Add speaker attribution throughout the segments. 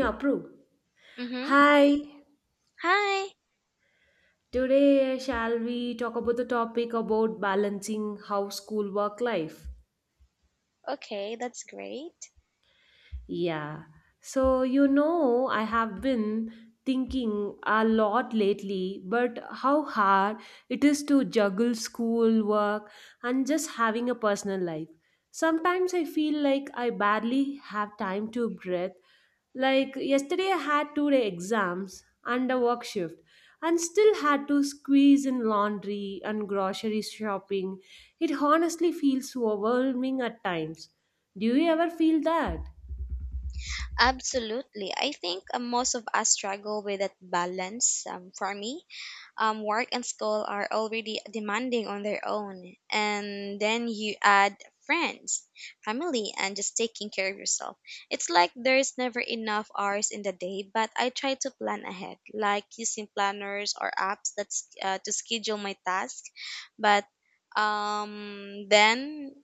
Speaker 1: Approve.
Speaker 2: Mm-hmm.
Speaker 1: Hi,
Speaker 2: Hi.
Speaker 1: today shall we talk about the topic about balancing how school work life?
Speaker 2: Okay, that's great.
Speaker 1: Yeah. So, I have been thinking a lot lately, but how hard it is to juggle school, work, and just having a personal life. Sometimes I feel like I barely have time to breathe. Like yesterday, I had 2-day exams and a work shift, and still had to squeeze in laundry and grocery shopping. It honestly feels overwhelming at times. Do you ever feel that?
Speaker 2: Absolutely. I think most of us struggle with that balance. For me, work and school are already demanding on their own, and then you add friends, family, and just taking care of yourself. It's like there's never enough hours in the day, but I try to plan ahead, like using planners or apps that's to schedule my task. But um, then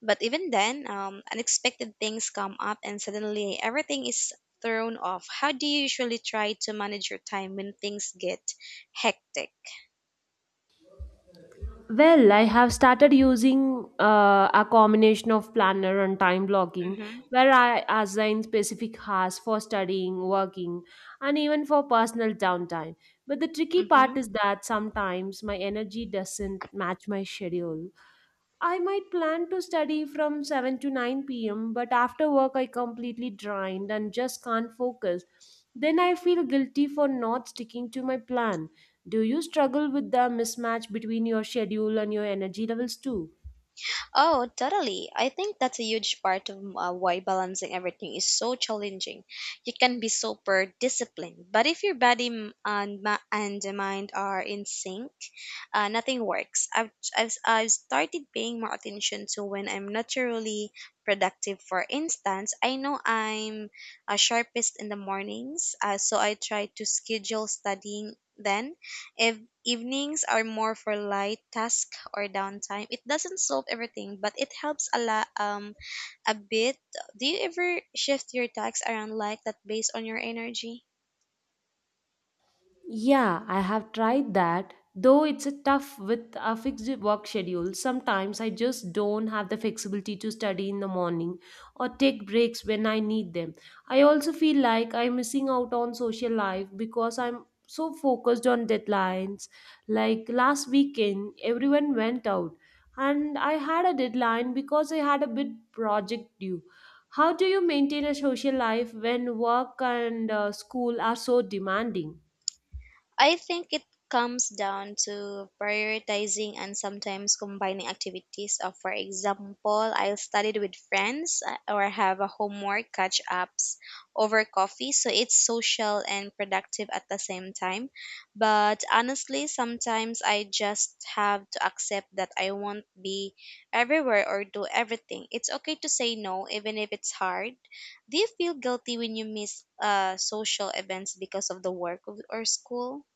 Speaker 2: But even then, unexpected things come up and suddenly everything is thrown off. How do you usually try to manage your time when things get hectic?
Speaker 1: Well, I have started using a combination of planner and time blocking
Speaker 2: Mm-hmm.
Speaker 1: where I assign specific hours for studying, working, and even for personal downtime. But the tricky part
Speaker 2: Mm-hmm.
Speaker 1: is that sometimes my energy doesn't match my schedule. I might plan to study from 7 to 9 p.m., but after work I completely drained and just can't focus. Then I feel guilty for not sticking to my plan. Do you struggle with the mismatch between your schedule and your energy levels too?
Speaker 2: Oh, totally. I think that's a huge part of why balancing everything is so challenging. You can be super disciplined, but if your body and the mind are in sync, nothing works. I've started paying more attention to when I'm naturally productive. For instance, I know I'm sharpest in the mornings, so I try to schedule studying then if evenings are more for light task or downtime. It doesn't solve everything, but it helps a lot, a bit. Do you ever shift your tasks around like that based on your energy?
Speaker 1: Yeah, I have tried that. Though it's a tough with a fixed work schedule, sometimes I just don't have the flexibility to study in the morning or take breaks when I need them. I also feel like I'm missing out on social life because I'm so focused on deadlines. Like last weekend, everyone went out and I had a deadline because I had a big project due. How do you maintain a social life when work and school are so demanding?
Speaker 2: I think it comes down to prioritizing and sometimes combining activities. For example, I'll study with friends or have a homework catch ups over coffee, so it's social and productive at the same time. But honestly, sometimes I just have to accept that I won't be everywhere or do everything. It's okay to say no, even if it's hard. Do you feel guilty when you miss social events because of the work or school?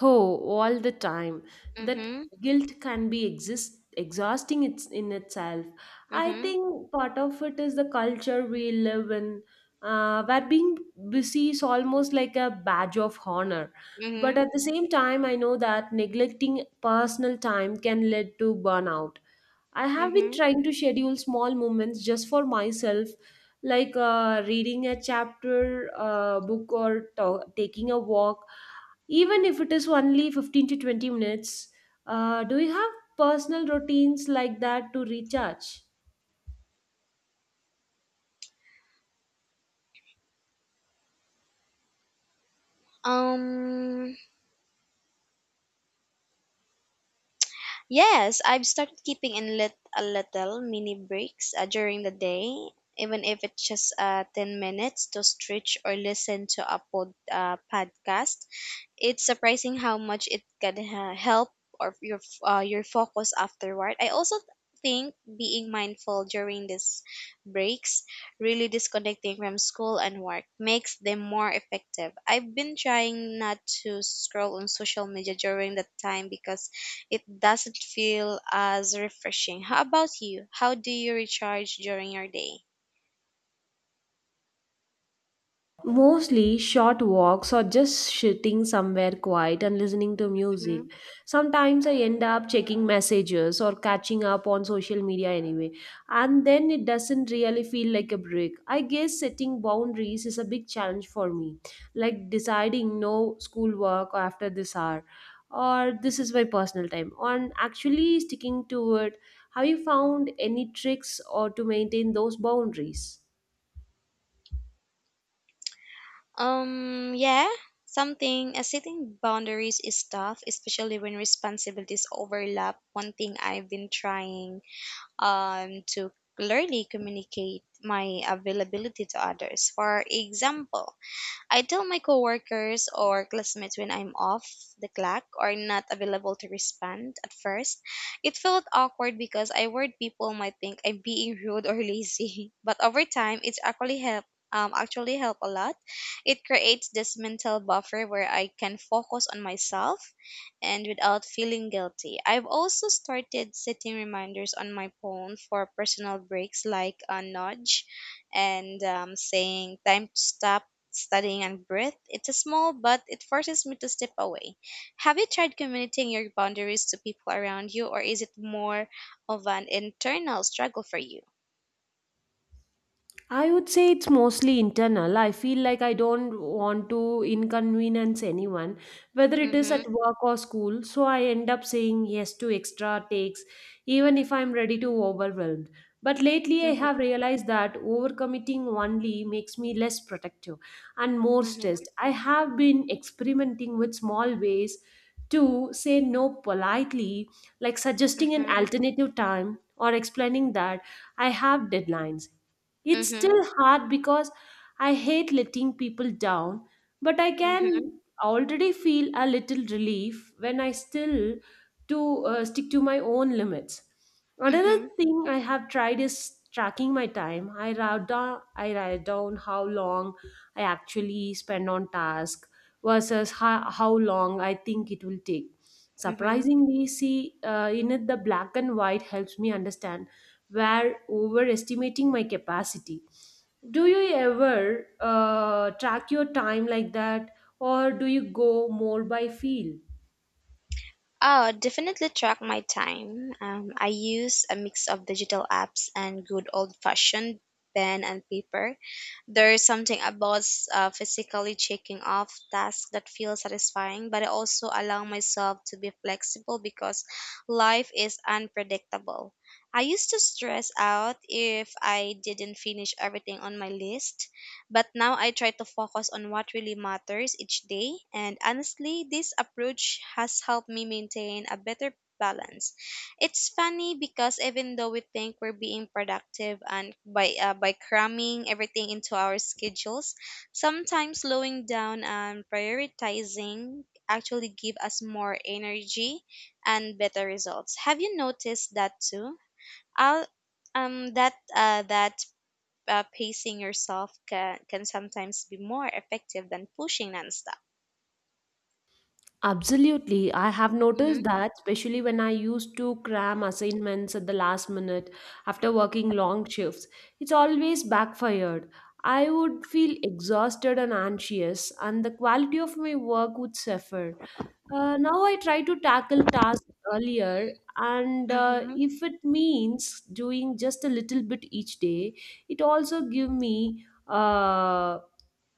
Speaker 1: Oh, all the time. That
Speaker 2: Mhm.
Speaker 1: guilt can be exist exhausting, it's in itself. I
Speaker 2: Mhm.
Speaker 1: think part of it is the culture we live in, where being busy is almost like a badge of honor. But
Speaker 2: Mhm.
Speaker 1: at the same time, I know that neglecting personal time can lead to burnout. I have been
Speaker 2: Mhm.
Speaker 1: trying to schedule small moments just for myself, like reading a chapter, book, or taking a walk even if it is only 15 to 20 minutes. Do you have personal routines like that to recharge?
Speaker 2: Um. Yes, I've started keeping in lit a little mini breaks during the day, even if it's just 10 minutes to stretch or listen to a podcast. It's surprising how much it can help or your focus afterward. I also think being mindful during these breaks, really disconnecting from school and work, makes them more effective. I've been trying not to scroll on social media during that time because it doesn't feel as refreshing. How about you? How do you recharge during your day?
Speaker 1: Mostly short walks or just sitting somewhere quiet and listening to music. Sometimes I end up checking messages or catching up on social media anyway, and then it doesn't really feel like a break. I guess setting boundaries is a big challenge for me, like deciding no schoolwork after this hour or this is my personal time on actually sticking to it. Have you found any tricks or to maintain those boundaries?
Speaker 2: Yeah, something setting boundaries is tough, especially when responsibilities overlap. One thing I've been trying to clearly communicate my availability to others. For example, I tell my coworkers or classmates when I'm off the clock or not available to respond at first. It felt awkward because I worried people might think I'm being rude or lazy. But over time, it's actually help a lot. It creates this mental buffer where I can focus on myself and without feeling guilty. I've also started setting reminders on my phone for personal breaks like a nudge and saying time to stop studying and breath. It's small, but it forces me to step away. Have you tried communicating your boundaries to people around you, or is it more of an internal struggle for you?
Speaker 1: I would say it's mostly internal. I feel like I don't want to inconvenience anyone, whether it is
Speaker 2: Mm-hmm.
Speaker 1: at work or school. So I end up saying yes to extra takes, even if I'm ready to overwhelmed. But lately, I have
Speaker 2: Mm-hmm.
Speaker 1: realized that overcommitting only makes me less protective and more
Speaker 2: Mm-hmm.
Speaker 1: stressed. I have been experimenting with small ways to say no politely, like suggesting an
Speaker 2: Mm-hmm.
Speaker 1: alternative time or explaining that I have deadlines. It's still
Speaker 2: Mm-hmm.
Speaker 1: hard because I hate letting people down, but I can already feel a little relief when I still to stick to my own limits. Another
Speaker 2: Mm-hmm.
Speaker 1: thing I have tried is tracking my time. I write down how long I actually spend on task versus how long I think it will take.
Speaker 2: Mm-hmm.
Speaker 1: Surprisingly, see in it the black and white helps me understand were overestimating my capacity. Do you ever track your time like that, or do you go more by feel?
Speaker 2: Oh, definitely track my time. I use a mix of digital apps and good old fashioned pen and paper. There's something about physically checking off tasks that feel satisfying, but I also allow myself to be flexible because life is unpredictable. I used to stress out if I didn't finish everything on my list, but now I try to focus on what really matters each day. And honestly, this approach has helped me maintain a better balance. It's funny because even though we think we're being productive and by cramming everything into our schedules, sometimes slowing down and prioritizing actually give us more energy and better results. Have you noticed that too? I'll, that that pacing yourself can sometimes be more effective than pushing nonstop.
Speaker 1: Absolutely. I have noticed
Speaker 2: Mhm.
Speaker 1: that, especially when I used to cram assignments at the last minute after working long shifts. It's always backfired. I would feel exhausted and anxious, and the quality of my work would suffer. Now I try to tackle tasks earlier, and
Speaker 2: Mhm.
Speaker 1: if it means doing just a little bit each day, it also give me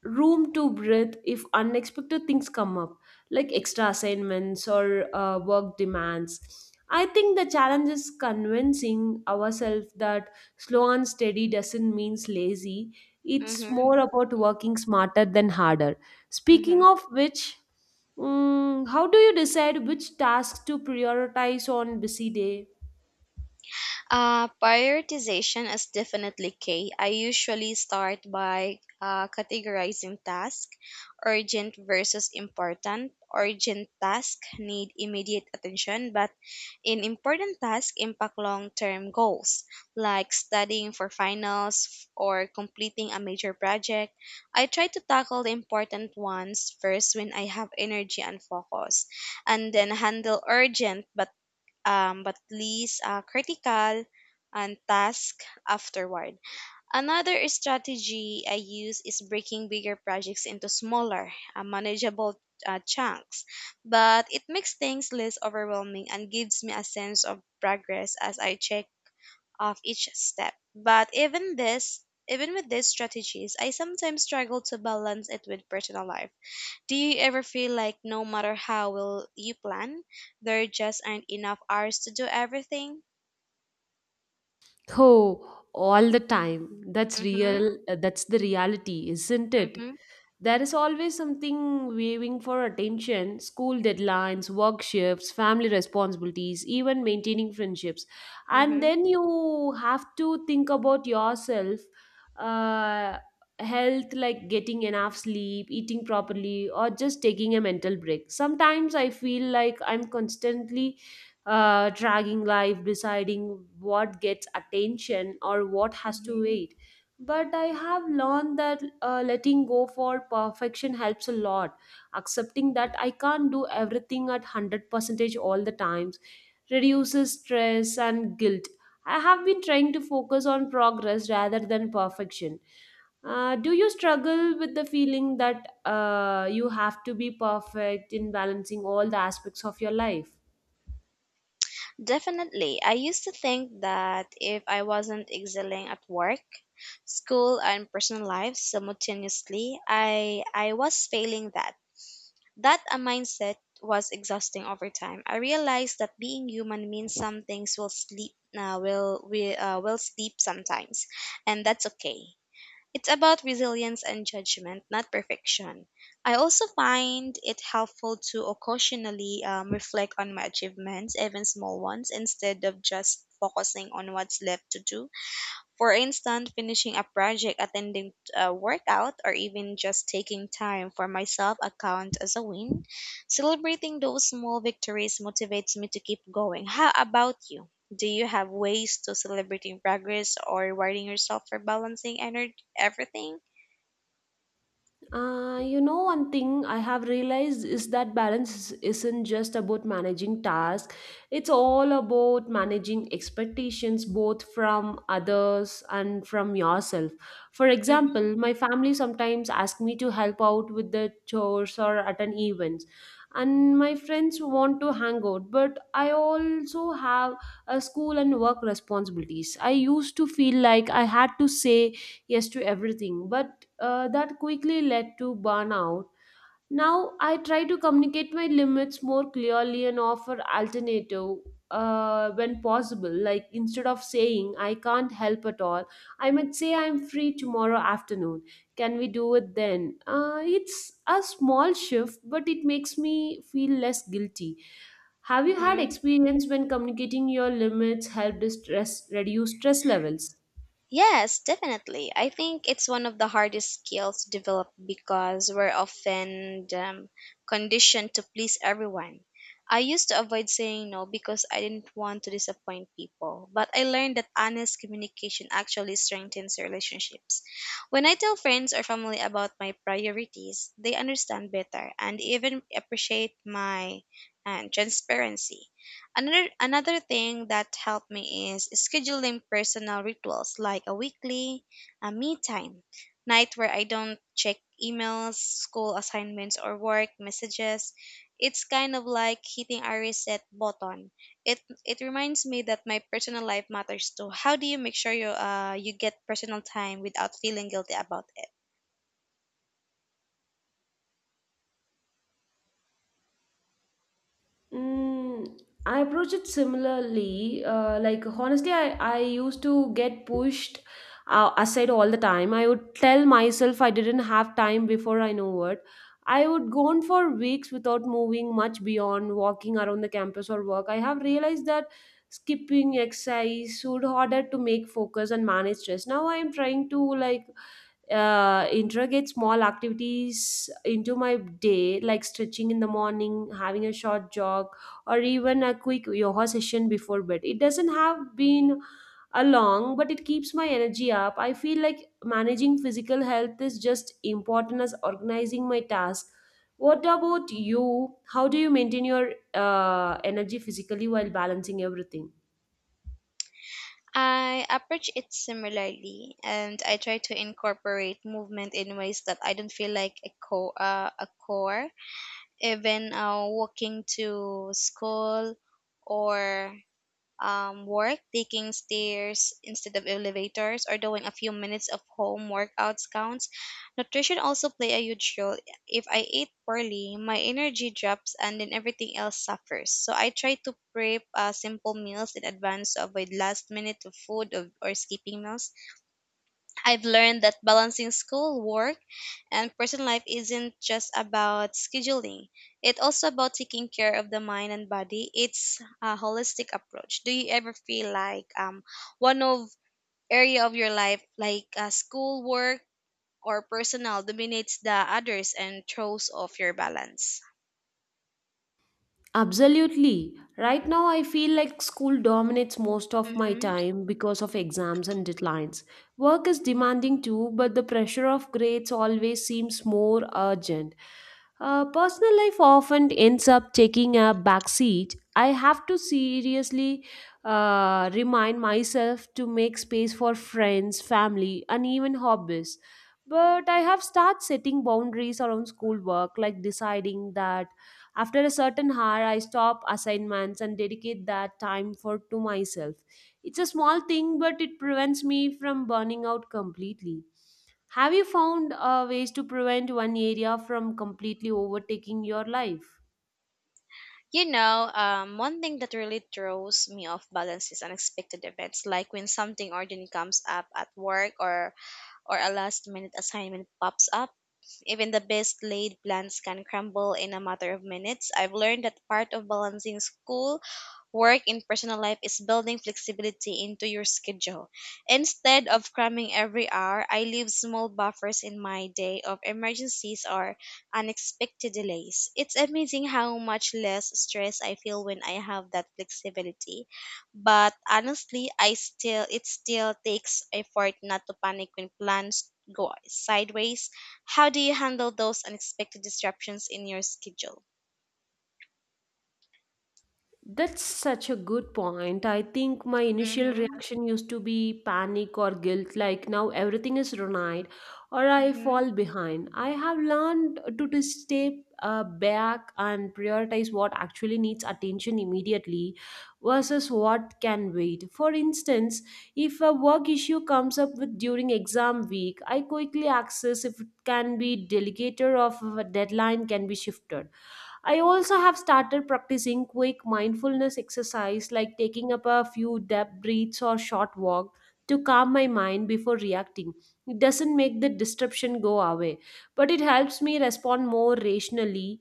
Speaker 1: room to breathe if unexpected things come up, like extra assignments or work demands. I think the challenge is convincing ourselves that slow and steady doesn't mean lazy. It's
Speaker 2: Mhm.
Speaker 1: more about working smarter than harder. Speaking
Speaker 2: Mhm.
Speaker 1: of which, how do you decide which tasks to prioritize on busy day?
Speaker 2: Prioritization is definitely key. I usually start by categorizing tasks, urgent versus important. Urgent tasks need immediate attention, but in important tasks impact long-term goals, like studying for finals or completing a major project. I try to tackle the important ones first when I have energy and focus, and then handle urgent but least critical and task afterward. Another strategy I use is breaking bigger projects into smaller, manageable chunks, but it makes things less overwhelming and gives me a sense of progress as I check off each step. But even with these strategies, I sometimes struggle to balance it with personal life. Do you ever feel like no matter how well you plan, there just aren't enough hours to do everything?
Speaker 1: Oh, all the time. That's
Speaker 2: Mm-hmm,
Speaker 1: real. That's the reality, isn't it?
Speaker 2: mm-hmm,
Speaker 1: There is always something waving for attention school deadlines, work shifts, family responsibilities, even maintaining friendships. And
Speaker 2: mm-hmm,
Speaker 1: then you have to think about yourself, uh, health, like getting enough sleep, eating properly, or just taking a mental break. Sometimes I feel like I'm constantly dragging life, deciding what gets attention or what has to
Speaker 2: mm-hmm.
Speaker 1: wait. But I have learned that letting go for perfection helps a lot, accepting that I can't do everything at 100% all the times reduces stress and guilt. I have been trying to focus on progress rather than perfection. Do you struggle with the feeling that you have to be perfect in balancing all the aspects of your life?
Speaker 2: Definitely. I used to think that if I wasn't excelling at work, school, and personal life simultaneously, I was failing that. That a mindset was exhausting over time. I realized that being human means some things will sleep will we will sleep sometimes, and that's okay. It's about resilience and judgment, not perfection. I also find it helpful to occasionally reflect on my achievements, even small ones, instead of just focusing on what's left to do. For instance, finishing a project, attending a workout, or even just taking time for myself account as a win. Celebrating those small victories motivates me to keep going. How about you? Do you have ways to celebrating progress or rewarding yourself for balancing energy everything?
Speaker 1: One thing I have realized is that balance isn't just about managing tasks, it's all about managing expectations both from others and from yourself. For example, my family sometimes ask me to help out with the chores or at an event, and my friends want to hang out, but I also have a school and work responsibilities. I used to feel like I had to say yes to everything, but that quickly led to burnout. Now I try to communicate my limits more clearly and offer alternative when possible. Like instead of saying I can't help at all, I might say I'm free tomorrow afternoon. Can we do it then? It's a small shift, but it makes me feel less guilty. Have you had
Speaker 2: hmm
Speaker 1: experience when communicating your limits helped stress reduce stress levels?
Speaker 2: Yes, definitely. I think it's one of the hardest skills to develop because we're often conditioned to please everyone. I used to avoid saying no because I didn't want to disappoint people, but I learned that honest communication actually strengthens relationships. When I tell friends or family about my priorities, they understand better and even appreciate my transparency. Another thing that helped me is scheduling personal rituals like a weekly, a me time, night where I don't check emails, school assignments or work messages. It's kind of like hitting a reset button. It reminds me that my personal life matters too. How do you make sure you you get personal time without feeling guilty about it?
Speaker 1: Mm, I approach it similarly. Like honestly, I used to get pushed aside all the time. I would tell myself I didn't have time before I know it. I would go on for weeks without moving much beyond walking around the campus or work. I have realized that skipping exercise would harder to make focus and manage stress. Now I am trying to like integrate small activities into my day, like stretching in the morning, having a short jog, or even a quick yoga session before bed. It doesn't have been a long, but it keeps my energy up. I feel like managing physical health is just important as organizing my task. What about you? How do you maintain your energy physically while balancing everything?
Speaker 2: I approach it similarly, and I try to incorporate movement in ways that I don't feel like a core. Even walking to school or work, taking stairs instead of elevators, or doing a few minutes of home workouts counts. Nutrition also play a huge role. If I eat poorly, my energy drops and then everything else suffers. So I try to prep simple meals in advance to avoid last minute of food or skipping meals. I've learned that balancing school, work, and personal life isn't just about scheduling. It's also about taking care of the mind and body. It's a holistic approach. Do you ever feel like one of area of your life like school work or personal dominates the others and throws off your balance?
Speaker 1: Absolutely. Right now, I feel like school dominates most of my
Speaker 2: hmm
Speaker 1: time because of exams and deadlines. Work is demanding too, but the pressure of grades always seems more urgent. Personal life often ends up taking a backseat. I have to seriously remind myself to make space for friends, family, and even hobbies. But I have started setting boundaries around schoolwork, like deciding that after a certain hour, I stop assignments and dedicate that time for to myself. It's a small thing, but it prevents me from burning out completely. Have you found ways to prevent one area from completely overtaking your life?
Speaker 2: You know, one thing that really throws me off balance is unexpected events, like when something urgent comes up at work or a last minute assignment pops up, even the best laid plans can crumble in a matter of minutes. I've learned that part of balancing school work in personal life is building flexibility into your schedule. Instead of cramming every hour, I leave small buffers in my day of emergencies or unexpected delays. It's amazing how much less stress I feel when I have that flexibility. But honestly, I still it still takes effort not to panic when plans go sideways. How do you handle those unexpected disruptions in your schedule?
Speaker 1: That's such a good point. I think my initial
Speaker 2: Mm-hmm.
Speaker 1: reaction used to be panic or guilt, like now everything is ruined or I
Speaker 2: Mm-hmm.
Speaker 1: fall behind. I have learned to just step back and prioritize what actually needs attention immediately versus what can wait. For instance, if a work issue comes up with during exam week, I quickly access if it can be delegated or if a deadline can be shifted. I also have started practicing quick mindfulness exercise like taking up a few deep breaths or short walk to calm my mind before reacting. It doesn't make the disruption go away, but it helps me respond more rationally.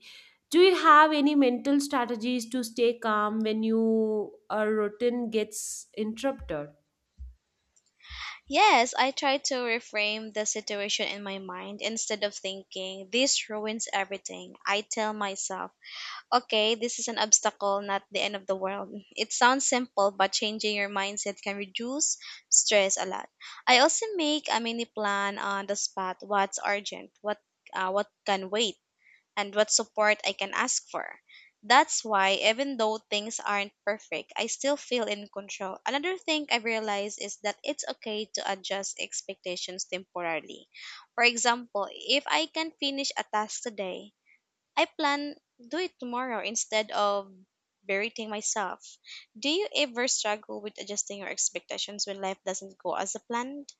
Speaker 1: Do you have any mental strategies to stay calm when your routine gets interrupted?
Speaker 2: Yes, I try to reframe the situation in my mind instead of thinking, this ruins everything. I tell myself, okay, this is an obstacle, not the end of the world. It sounds simple, but changing your mindset can reduce stress a lot. I also make a mini plan on the spot what's urgent, what can wait and what support I can ask for. That's why, even though things aren't perfect, I still feel in control. Another thing I realized is that it's okay to adjust expectations temporarily. For example, if I can finish a task today, I plan do it tomorrow instead of berating myself. Do you ever struggle with adjusting your expectations when life doesn't go as a planned?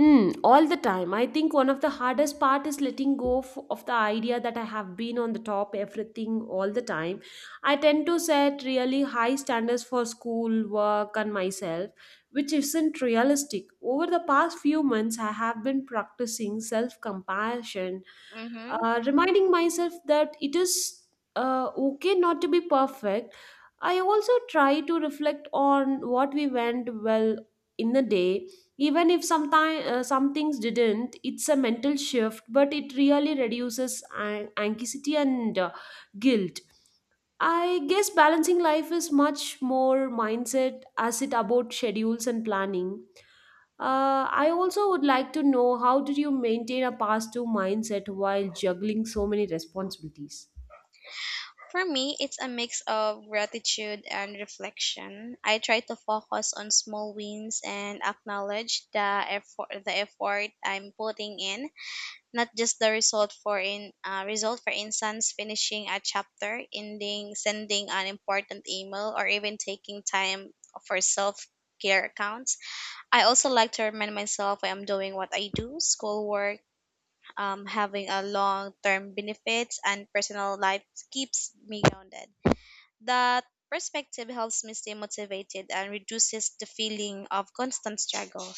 Speaker 1: All the time. I think one of the hardest part is letting go of the idea that I have been on the top everything all the time. I tend to set really high standards for school, work, and myself, which isn't realistic. Over the past few months, I have been practicing self-compassion,
Speaker 2: Mm-hmm.
Speaker 1: reminding myself that it is okay not to be perfect. I also try to reflect on what we went well in the day, even if some things didn't. It's a mental shift, but it really reduces anxiety and guilt. I guess balancing life is much more mindset as it about schedules and planning. I also would like to know how did you maintain a past two mindset while juggling so many responsibilities.
Speaker 2: For me, it's a mix of gratitude and reflection. I try to focus on small wins and acknowledge the effort I'm putting in, not just the result. For instance, finishing a chapter, ending, sending an important email, or even taking time for self care accounts. I also like to remind myself I am doing what I do, schoolwork, having a long term benefits, and personal life keeps me grounded. That perspective helps me stay motivated and reduces the feeling of constant struggle.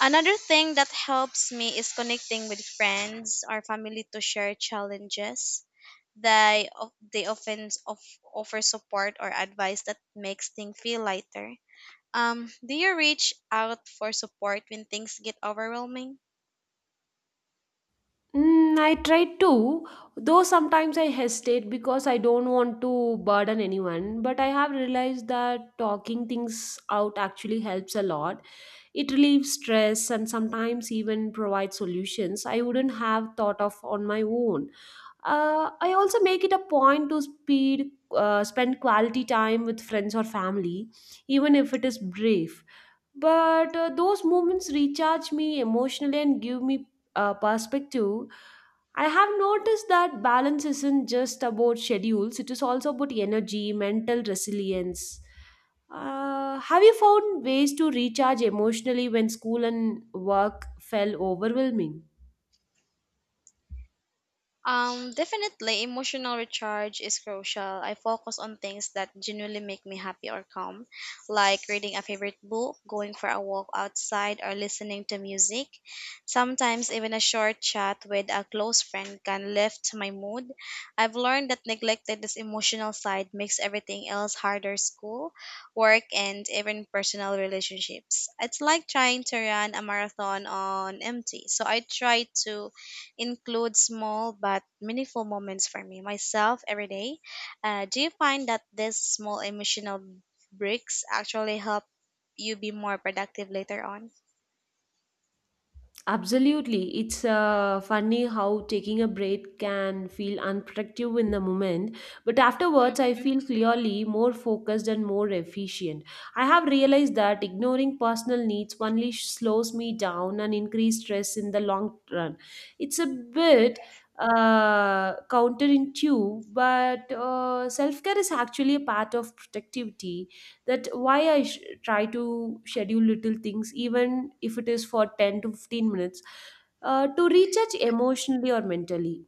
Speaker 2: Another thing that helps me is connecting with friends or family to share challenges. They often offer support or advice that makes things feel lighter. Do you reach out for support when things get overwhelming?
Speaker 1: I try to, though sometimes I hesitate because I don't want to burden anyone. But I have realized that talking things out actually helps a lot. It relieves stress and sometimes even provides solutions I wouldn't have thought of on my own. I also make it a point to spend quality time with friends or family, even if it is brief. But Those moments recharge me emotionally and give me perspective. I have noticed that balance isn't just about schedules, it is also about energy, mental resilience. Have you found ways to recharge emotionally when school and work felt overwhelming?
Speaker 2: Definitely, emotional recharge is crucial. I focus on things that genuinely make me happy or calm, like reading a favorite book, going for a walk outside, or listening to music. Sometimes, even a short chat with a close friend can lift my mood. I've learned that neglected this emotional side makes everything else harder school, work, and even personal relationships. It's like trying to run a marathon on empty. So, I try to include small but meaningful moments for me myself every day. Do you find that these small emotional breaks actually help you be more productive later on?
Speaker 1: Absolutely. It's funny how taking a break can feel unproductive in the moment, but afterwards I
Speaker 2: Mhm.
Speaker 1: feel clearly more focused and more efficient. I have realized that ignoring personal needs only slows me down and increase stress in the long run. It's a bit counterintuitive, but self care is actually a part of productivity that why try to schedule little things even if it is for 10 to 15 minutes to recharge emotionally or mentally.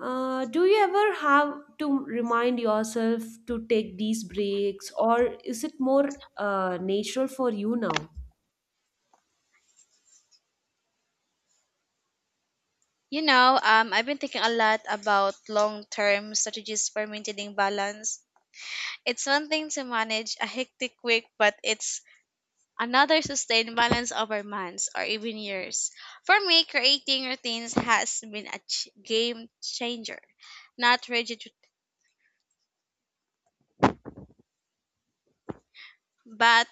Speaker 1: Uh, do you ever have to remind yourself to take these breaks or is it more natural for you now?
Speaker 2: I've been thinking a lot about long-term strategies for maintaining balance. It's one thing to manage a hectic week, but it's another sustain balance over months or even years. For me, creating routines has been a game changer. Not rigid but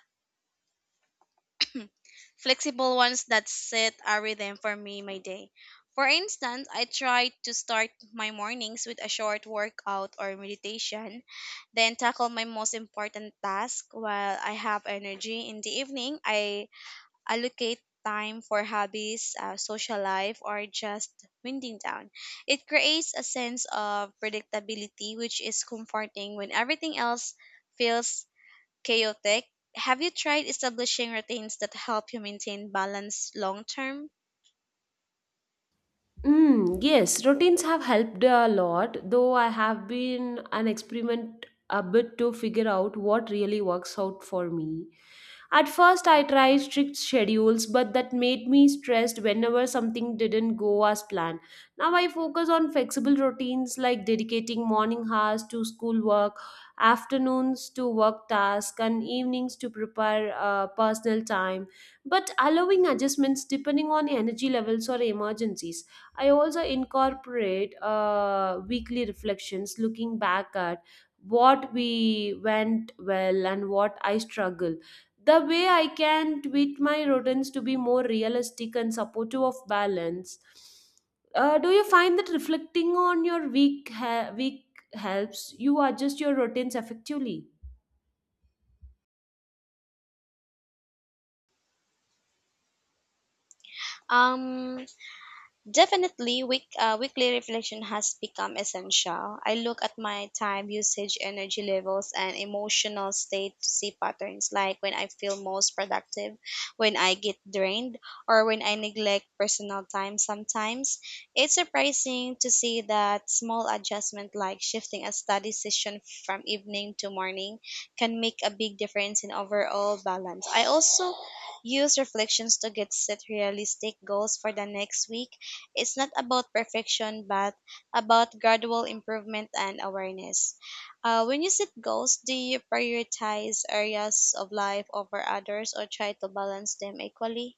Speaker 2: flexible ones that set a rhythm for me my day. For instance, I try to start my mornings with a short workout or meditation, then tackle my most important task while I have energy. In the evening, I allocate time for hobbies, social life, or just winding down. It creates a sense of predictability, which is comforting when everything else feels chaotic. Have you tried establishing routines that help you maintain balance long term?
Speaker 1: Mm, yes, routines have helped a lot, though I have been an experiment a bit to figure out what really works out for me. At first, I tried strict schedules, but that made me stressed whenever something didn't go as planned. Now I focus on flexible routines like dedicating morning hours to schoolwork, afternoons to work tasks, and evenings to prepare personal time, but allowing adjustments depending on energy levels or emergencies. I also incorporate weekly reflections, looking back at what we went well and what I struggle the way I can tweak my rodents to be more realistic and supportive of balance. Do you find that reflecting on your week helps you adjust your routines effectively?
Speaker 2: Um, Definitely, weekly reflection has become essential. I look at my time usage, energy levels, and emotional state to see patterns like when I feel most productive, when I get drained, or when I neglect personal time sometimes. It's surprising to see that small adjustment like shifting a study session from evening to morning can make a big difference in overall balance. I also use reflections to get set realistic goals for the next week. It's not about perfection, but about gradual improvement and awareness. When you set goals, do you prioritize areas of life over others or try to balance them equally?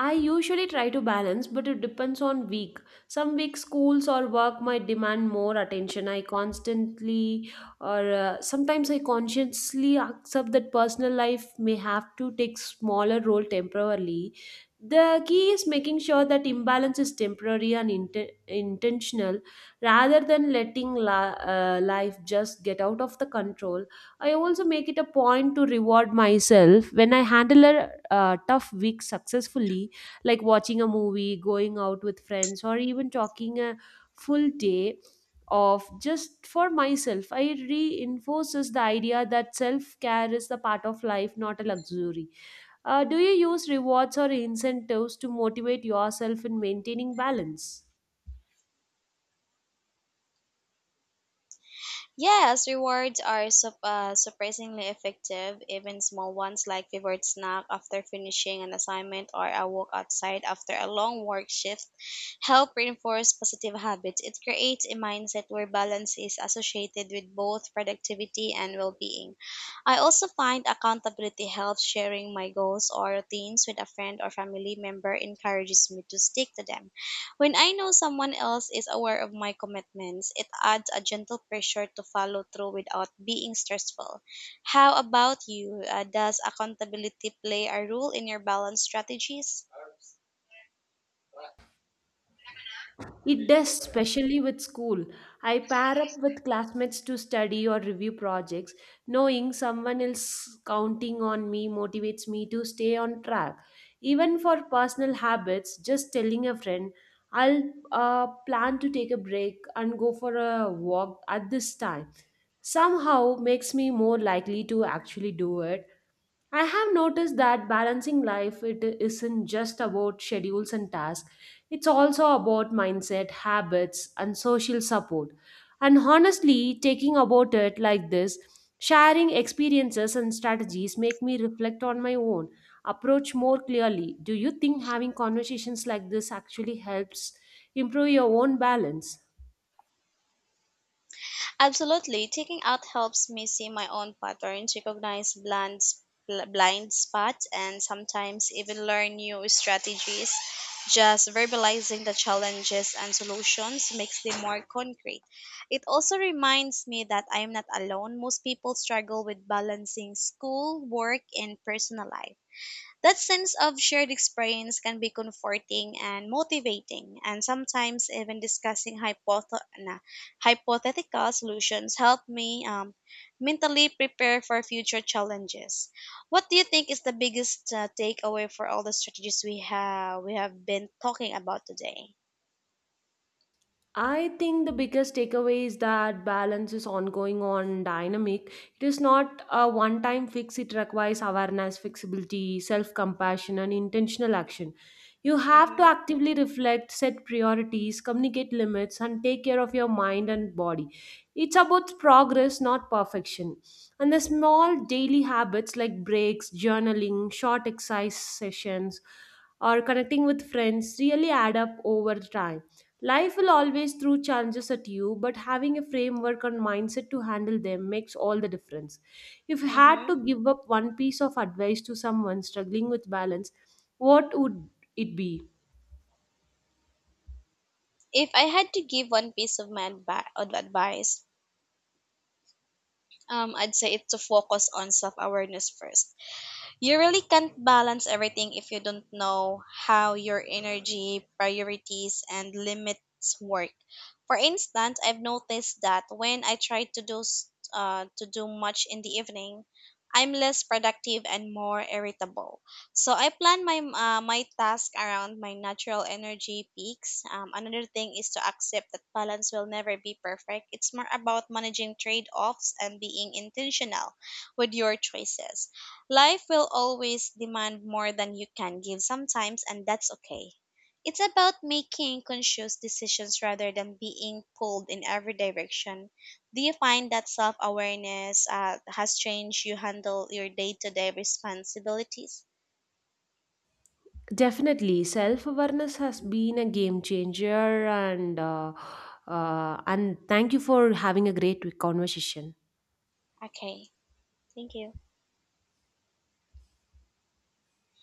Speaker 1: I usually try to balance, but it depends on week. Some weeks, schools or work might demand more attention. I constantly, or Sometimes I consciously accept that personal life may have to take smaller role temporarily. The key is making sure that imbalance is temporary and intentional, rather than letting life just get out of the control. I also make it a point to reward myself when I handle a tough week successfully like watching a movie, going out with friends, or even talking a full day of just for myself. I reinforces the idea that self care is the part of life, not a luxury. Do you use rewards or incentives to motivate yourself in maintaining balance?
Speaker 2: Yes, rewards are surprisingly effective. Even small ones like favorite snack after finishing an assignment or a walk outside after a long work shift help reinforce positive habits. It creates a mindset where balance is associated with both productivity and well being. I also find accountability helps sharing my goals or routines with a friend or family member encourages me to stick to them. When I know someone else is aware of my commitments, it adds a gentle pressure to follow through without being stressful. How about you? Does accountability play a role in your balance strategies?
Speaker 1: It does, especially with school. I pair up with classmates to study or review projects. Knowing someone else counting on me motivates me to stay on track. Even for personal habits, just telling a friend, I'll plan to take a break and go for a walk at this time, somehow makes me more likely to actually do it. I have noticed that balancing life it isn't just about schedules and tasks. It's also about mindset, habits and social support. And honestly, taking about it like this, sharing experiences and strategies make me reflect on my own approach more clearly. Do you think having conversations like this actually helps improve your own balance?
Speaker 2: Absolutely, taking out helps me see my own patterns, recognize blind spots, and sometimes even learn new strategies. Just verbalizing the challenges and solutions makes them more concrete. It also reminds me that I am not alone. Most people struggle with balancing school, work, and personal life. That sense of shared experience can be comforting and motivating, and sometimes even discussing hypothetical solutions help me mentally prepare for future challenges. What do you think is the biggest takeaway for all the strategies we have been talking about today?
Speaker 1: I think the biggest takeaway is that balance is ongoing on dynamic. It is not a one time fix, it requires awareness, flexibility, self compassion, and intentional action. You have to
Speaker 2: Mm-hmm.
Speaker 1: actively reflect, set priorities, communicate limits, and take care of your mind and body. It's about progress, not perfection. And the small daily habits like breaks, journaling, short exercise sessions, or connecting with friends really add up over time. Life will always throw challenges at you, but having a framework and mindset to handle them makes all the difference. If you had
Speaker 2: Mm-hmm.
Speaker 1: to give up one piece of advice to someone struggling with balance, what would it be?
Speaker 2: If I had to give one piece of advice, I'd say it's to focus on self awareness first. You really can't balance everything if you don't know how your energy, priorities, and limits work. For instance, I've noticed that when I try to to do much in the evening, I'm less productive and more irritable. So I plan my task around my natural energy peaks. Another thing is to accept that balance will never be perfect. It's more about managing trade offs and being intentional with your choices. Life will always demand more than you can give sometimes, and that's okay. It's about making conscious decisions rather than being pulled in every direction. Do you find that self awareness has changed you handle your day to day responsibilities?
Speaker 1: Definitely, self awareness has been a game changer, and thank you for having a great conversation.
Speaker 2: Okay, thank you.